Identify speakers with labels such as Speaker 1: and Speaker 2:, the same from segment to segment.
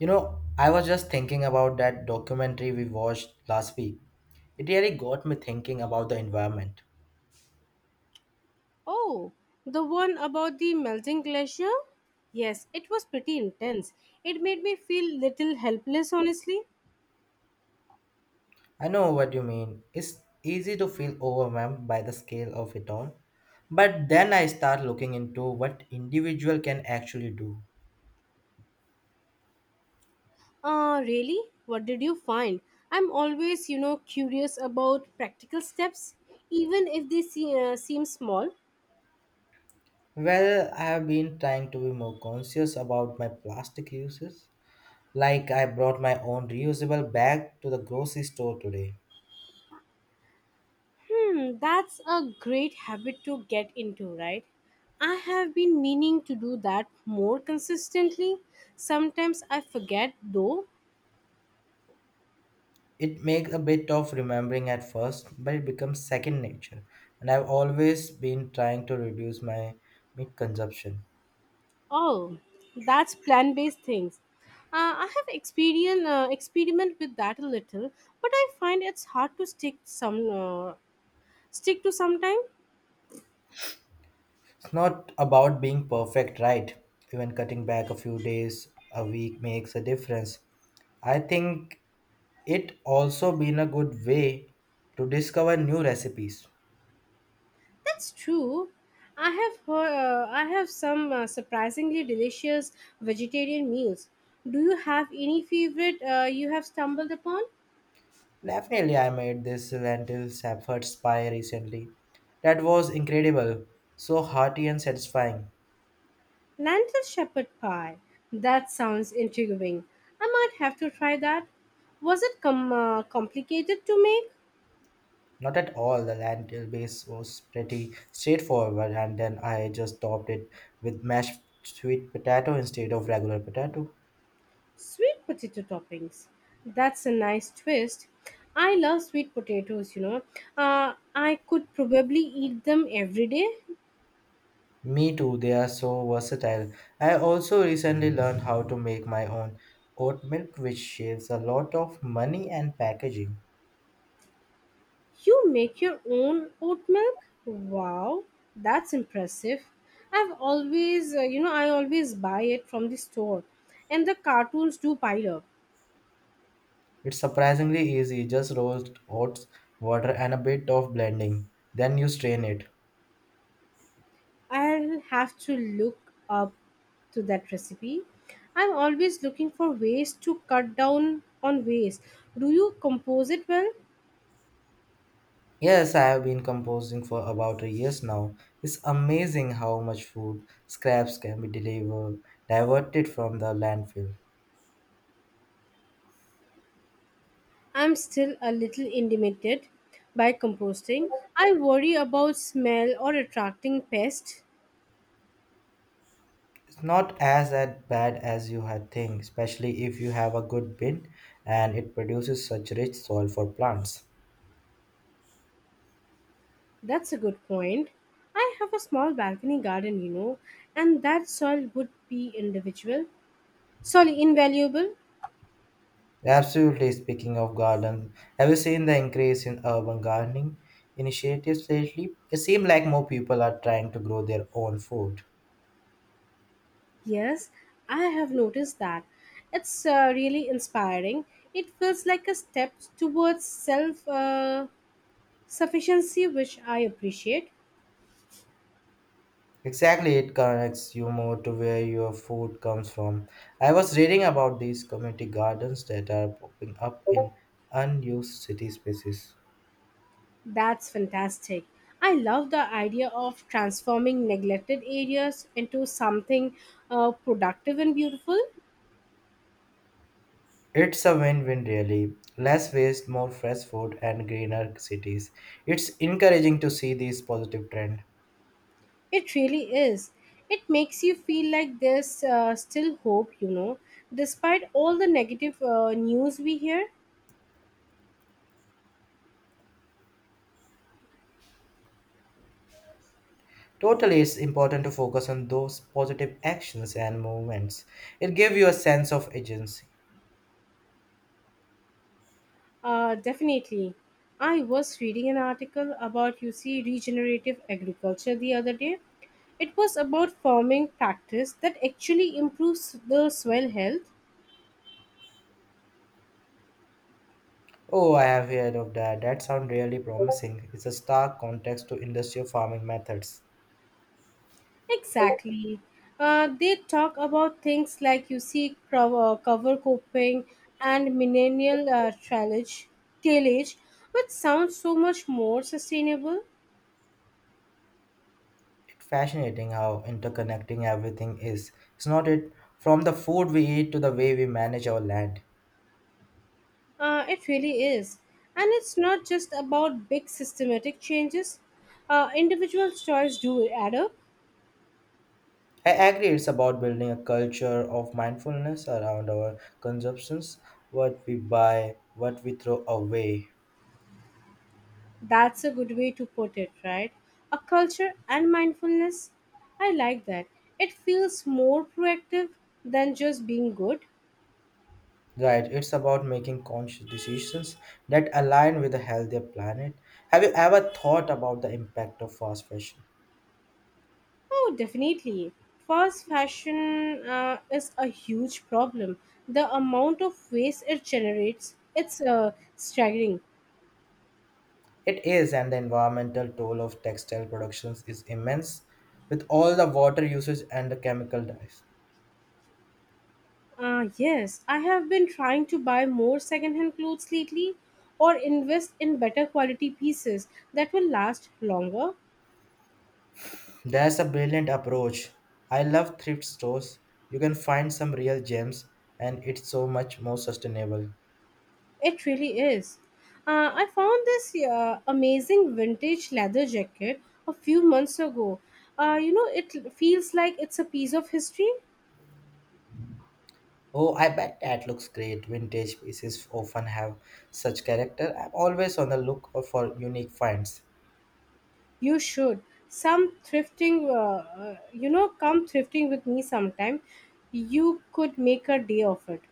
Speaker 1: You know, I was just thinking about that documentary we watched last week. It really got me thinking about the environment.
Speaker 2: Oh, the one about the melting glacier? Yes, it was pretty intense. It made me feel little helpless, honestly.
Speaker 1: I know what you mean. It's easy to feel overwhelmed by the scale of it all. But then I start looking into what individual can actually do.
Speaker 2: Really? What did you find? I'm always, you know, curious about practical steps, even if they seem small.
Speaker 1: Well, I have been trying to be more conscious about my plastic uses. Like I brought my own reusable bag to the grocery store today.
Speaker 2: Hmm, that's a great habit to get into, right? I have been meaning to do that more consistently. Sometimes I forget, though.
Speaker 1: It makes a bit of remembering at first, but it becomes second nature. And I've always been trying to reduce my meat consumption.
Speaker 2: Oh, that's plant-based things. I have experience experiment with that a little, but I find it's hard to stick to sometime.
Speaker 1: It's not about being perfect, right? Even cutting back a few days a week makes a difference. I think it also been a good way to discover new recipes.
Speaker 2: That's true. I have heard, I have some surprisingly delicious vegetarian meals. Do you have any favorite you have stumbled upon?
Speaker 1: Definitely, I made this lentil safford pie recently. That was incredible, so hearty and satisfying.
Speaker 2: Lentil shepherd pie. That sounds intriguing. I might have to try that. Was it complicated to make?
Speaker 1: Not at all. The land base was pretty straightforward, and then I just topped it with mashed sweet potato instead of regular potato.
Speaker 2: Sweet potato toppings. That's a nice twist. I love sweet potatoes, you know. I could probably eat them every day.
Speaker 1: Me too, they are so versatile. I also recently learned how to make my own oat milk, which saves a lot of money and packaging.
Speaker 2: You make your own oat milk? Wow, that's impressive. I always buy it from the store, and the cartoons do pile up.
Speaker 1: It's surprisingly easy, just roast oats, water, and a bit of blending. Then you strain it.
Speaker 2: I'll have to look up to that recipe. I'm always looking for ways to cut down on waste. Do you compose it well?
Speaker 1: Yes, I have been composing for about a years now. It's amazing how much food scraps can be delivered, diverted from the landfill.
Speaker 2: I'm still a little intimidated by composting. I worry about smell or attracting pests.
Speaker 1: It's not as that bad as you had think, especially if you have a good bin and it produces such rich soil for plants.
Speaker 2: That's a good point. I have a small balcony garden, you know, and that soil would be individual. Sorry, invaluable.
Speaker 1: Absolutely, speaking of garden, have you seen the increase in urban gardening initiatives lately? It seems like more people are trying to grow their own food.
Speaker 2: Yes, I have noticed that. It's really inspiring. It feels like a step towards self sufficiency, which I appreciate.
Speaker 1: Exactly, it connects you more to where your food comes from. I was reading about these community gardens that are popping up in unused city spaces.
Speaker 2: That's fantastic. I love the idea of transforming neglected areas into something productive and beautiful.
Speaker 1: It's a win win, really. Less waste, more fresh food, and greener cities. It's encouraging to see this positive trend.
Speaker 2: It really is. It makes you feel like there's still hope, you know, despite all the negative news we hear.
Speaker 1: Totally, it's important to focus on those positive actions and movements. It gives you a sense of agency.
Speaker 2: Definitely. I was reading an article about UC regenerative agriculture the other day. It was about farming practice that actually improves the soil health.
Speaker 1: Oh, I have heard of that. That sounds really promising. It's a stark contrast to industrial farming methods.
Speaker 2: Exactly. They talk about things like you see cover coping and millennial trailage, tailage, which sounds so much more sustainable.
Speaker 1: It's fascinating how interconnecting everything is. It's not it from the food we eat to the way we manage our land.
Speaker 2: It really is. And it's not just about big systematic changes. Individual choice do add up.
Speaker 1: I agree it's about building a culture of mindfulness around our consumptions, what we buy, what we throw away.
Speaker 2: That's a good way to put it, right? A culture and mindfulness. I like that. It feels more proactive than just being good.
Speaker 1: Right, it's about making conscious decisions that align with a healthier planet. Have you ever thought about the impact of fast fashion?
Speaker 2: Oh, definitely. Fast fashion is a huge problem. The amount of waste it generates, it's staggering.
Speaker 1: It is, and the environmental toll of textile productions is immense with all the water usage and the chemical dyes.
Speaker 2: Yes, I have been trying to buy more secondhand clothes lately or invest in better quality pieces that will last longer.
Speaker 1: That's a brilliant approach. I love thrift stores. You can find some real gems and it's so much more sustainable.
Speaker 2: It really is. I found this amazing vintage leather jacket a few months ago. It feels like it's a piece of history.
Speaker 1: Oh, I bet that looks great. Vintage pieces often have such character. I'm always on the look for unique finds.
Speaker 2: You should. Some thrifting, you know, Come thrifting with me sometime. You could make a day of it.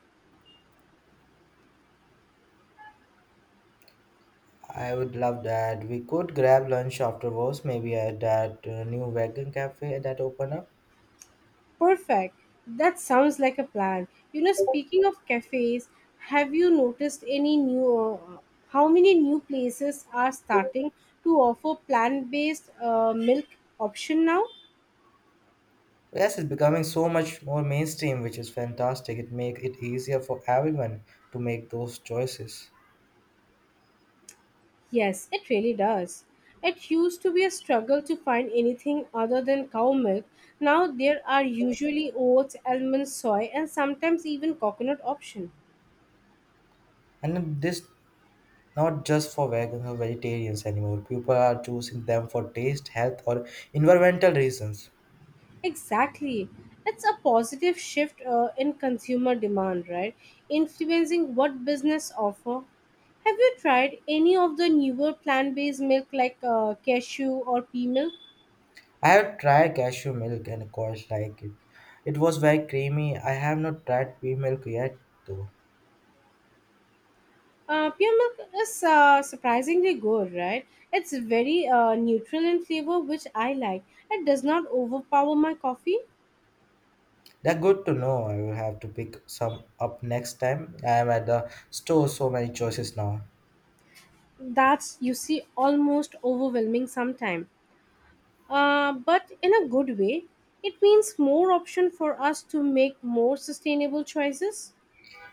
Speaker 1: I would love that. We could grab lunch afterwards, maybe at that new vegan cafe that opened up.
Speaker 2: Perfect. That sounds like a plan. You know, speaking of cafes, have you noticed how many new places are starting to offer plant based milk option now?
Speaker 1: Yes, it's becoming so much more mainstream, which is fantastic. It makes it easier for everyone to make those choices.
Speaker 2: Yes, it really does. It used to be a struggle to find anything other than cow milk. Now there are usually oats, almonds, soy, and sometimes even coconut option.
Speaker 1: And this not just for vegan or vegetarians anymore. People are choosing them for taste, health, or environmental reasons.
Speaker 2: Exactly. It's a positive shift in consumer demand, right? Influencing what business offer. Have you tried any of the newer plant-based milk like cashew or pea milk?
Speaker 1: I have tried cashew milk and quite like it. It was very creamy. I have not tried pea milk yet though.
Speaker 2: Pure milk is surprisingly good, right? It's very neutral in flavor, which I like. It does not overpower my coffee.
Speaker 1: They're good to know. I will have to pick some up next time. I am at the store, so many choices now.
Speaker 2: That's, you see, almost overwhelming sometimes. But in a good way, it means more option for us to make more sustainable choices.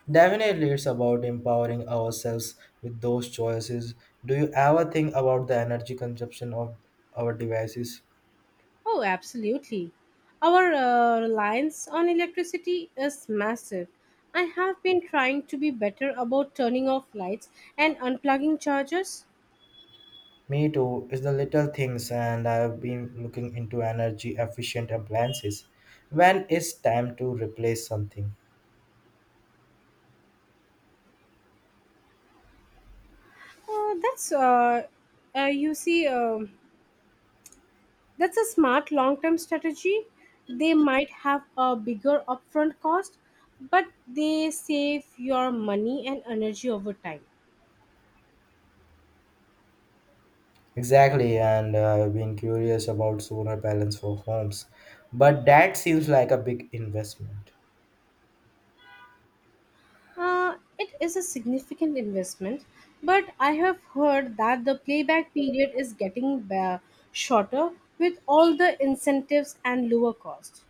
Speaker 1: Definitely, it's about empowering ourselves with those choices. Do you ever think about the energy consumption of our devices?
Speaker 2: Oh, absolutely. Our reliance on electricity is massive. I have been trying to be better about turning off lights and unplugging chargers.
Speaker 1: Me too, it's the little things, and I've been looking into energy efficient appliances. When it's time to replace something?
Speaker 2: Uh, that's uh, uh, you see, um that's a smart long-term strategy. They might have a bigger upfront cost, but they save your money and energy over time.
Speaker 1: Exactly, and I've been curious about solar panels for homes, but that seems like a big investment.
Speaker 2: It is a significant investment, but I have heard that the playback period is getting shorter with all the incentives and lower cost.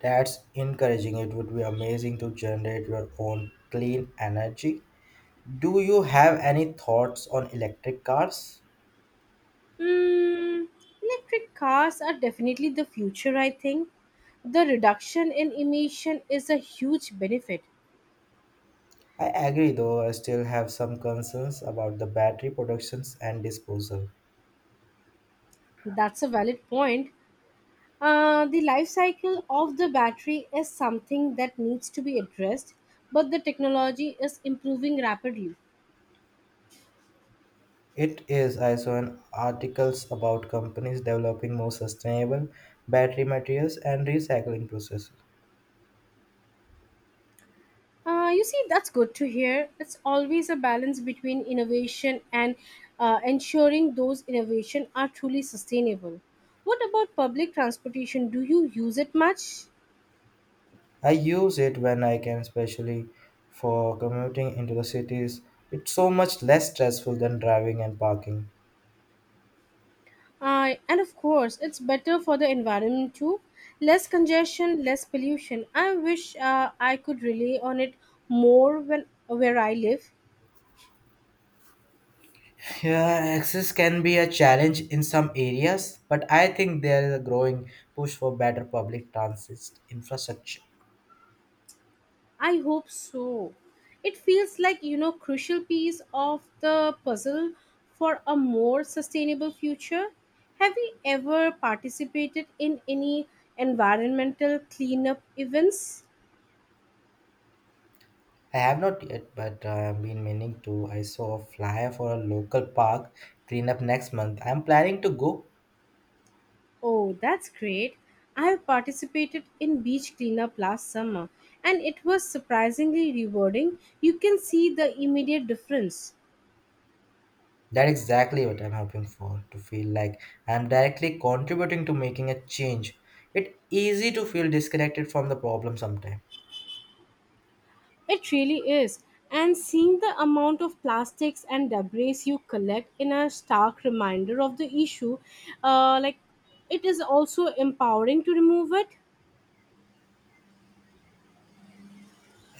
Speaker 1: That's encouraging. It would be amazing to generate your own clean energy. Do you have any thoughts on electric cars?
Speaker 2: Mm, electric cars are definitely the future, I think. The reduction in emission is a huge benefit.
Speaker 1: I agree, though I still have some concerns about the battery productions and disposal.
Speaker 2: That's a valid point. The life cycle of the battery is something that needs to be addressed, but the technology is improving rapidly.
Speaker 1: It is. I saw an articles about companies developing more sustainable battery materials and recycling processes.
Speaker 2: That's good to hear. It's always a balance between innovation and ensuring those innovation are truly sustainable. What about public transportation? Do you use it much?
Speaker 1: I use it when I can, especially for commuting into the cities. It's so much less stressful than driving and parking.
Speaker 2: And of course, it's better for the environment too. Less congestion, less pollution. I wish I could rely on it more when where I live.
Speaker 1: Yeah, access can be a challenge in some areas, but I think there is a growing push for better public transit infrastructure.
Speaker 2: I hope so. It feels like you know crucial piece of the puzzle for a more sustainable future. Have you ever participated in any environmental cleanup events?
Speaker 1: I have not yet, but I have been meaning to. I saw a flyer for a local park cleanup next month. I'm planning to go.
Speaker 2: Oh, that's great. I have participated in beach cleanup last summer and it was surprisingly rewarding. You can see the immediate difference.
Speaker 1: That's exactly what I'm hoping for to feel like I'm directly contributing to making a change. It's easy to feel disconnected from the problem sometimes.
Speaker 2: It really is. And seeing the amount of plastics and debris you collect in a stark reminder of the issue, like it is also empowering to remove it.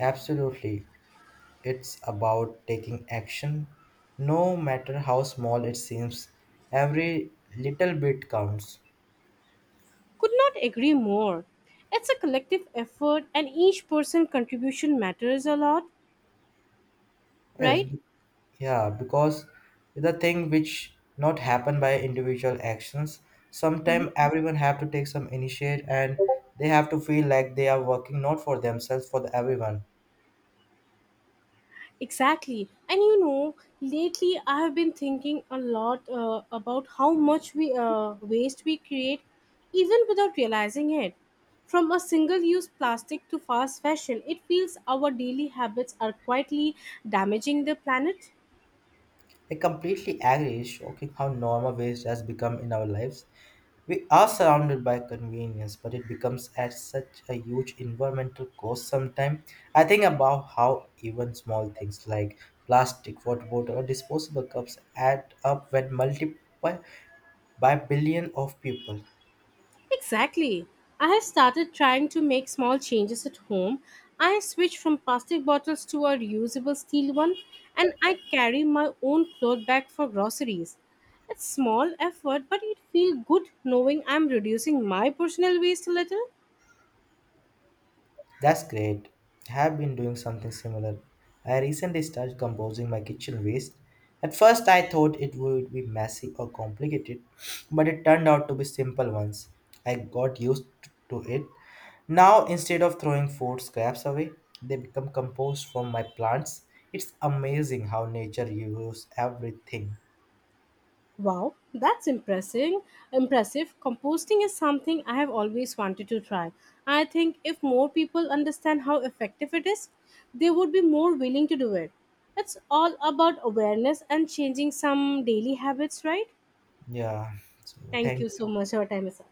Speaker 1: Absolutely. It's about taking action, no matter how small it seems. Every little bit counts.
Speaker 2: Could not agree more. It's a collective effort and each person contribution matters a lot,
Speaker 1: Yes,
Speaker 2: right?
Speaker 1: yeah, because the thing which not happen by individual actions, sometimes everyone have to take some initiate and they have to feel like they are working not for themselves, for the everyone.
Speaker 2: Exactly. And you know, lately I have been thinking a lot about how much we waste we create even without realizing it. From a single use plastic to fast fashion, it feels our daily habits are quietly damaging the planet.
Speaker 1: I completely agree, shocking how normal waste has become in our lives. We are surrounded by convenience, but it becomes at such a huge environmental cost sometimes. I think about how even small things like plastic, water bottle, or disposable cups add up when multiple by billion of people.
Speaker 2: Exactly. I have started trying to make small changes at home. I switched from plastic bottles to a reusable steel one, and I carry my own cloth bag for groceries. It's small effort, but it feels good knowing I'm reducing my personal waste a little.
Speaker 1: That's great. I have been doing something similar. I recently started composing my kitchen waste. At first, I thought it would be messy or complicated, but it turned out to be simple ones. I got used to it. Now, instead of throwing food scraps away, they become compost from my plants. It's amazing how nature uses everything.
Speaker 2: Wow, that's impressive. Impressive. Composting is something I have always wanted to try. I think if more people understand how effective it is, they would be more willing to do it. It's all about awareness and changing some daily habits, right?
Speaker 1: Yeah. So,
Speaker 2: Thank
Speaker 1: thank
Speaker 2: you so much. Our time is up.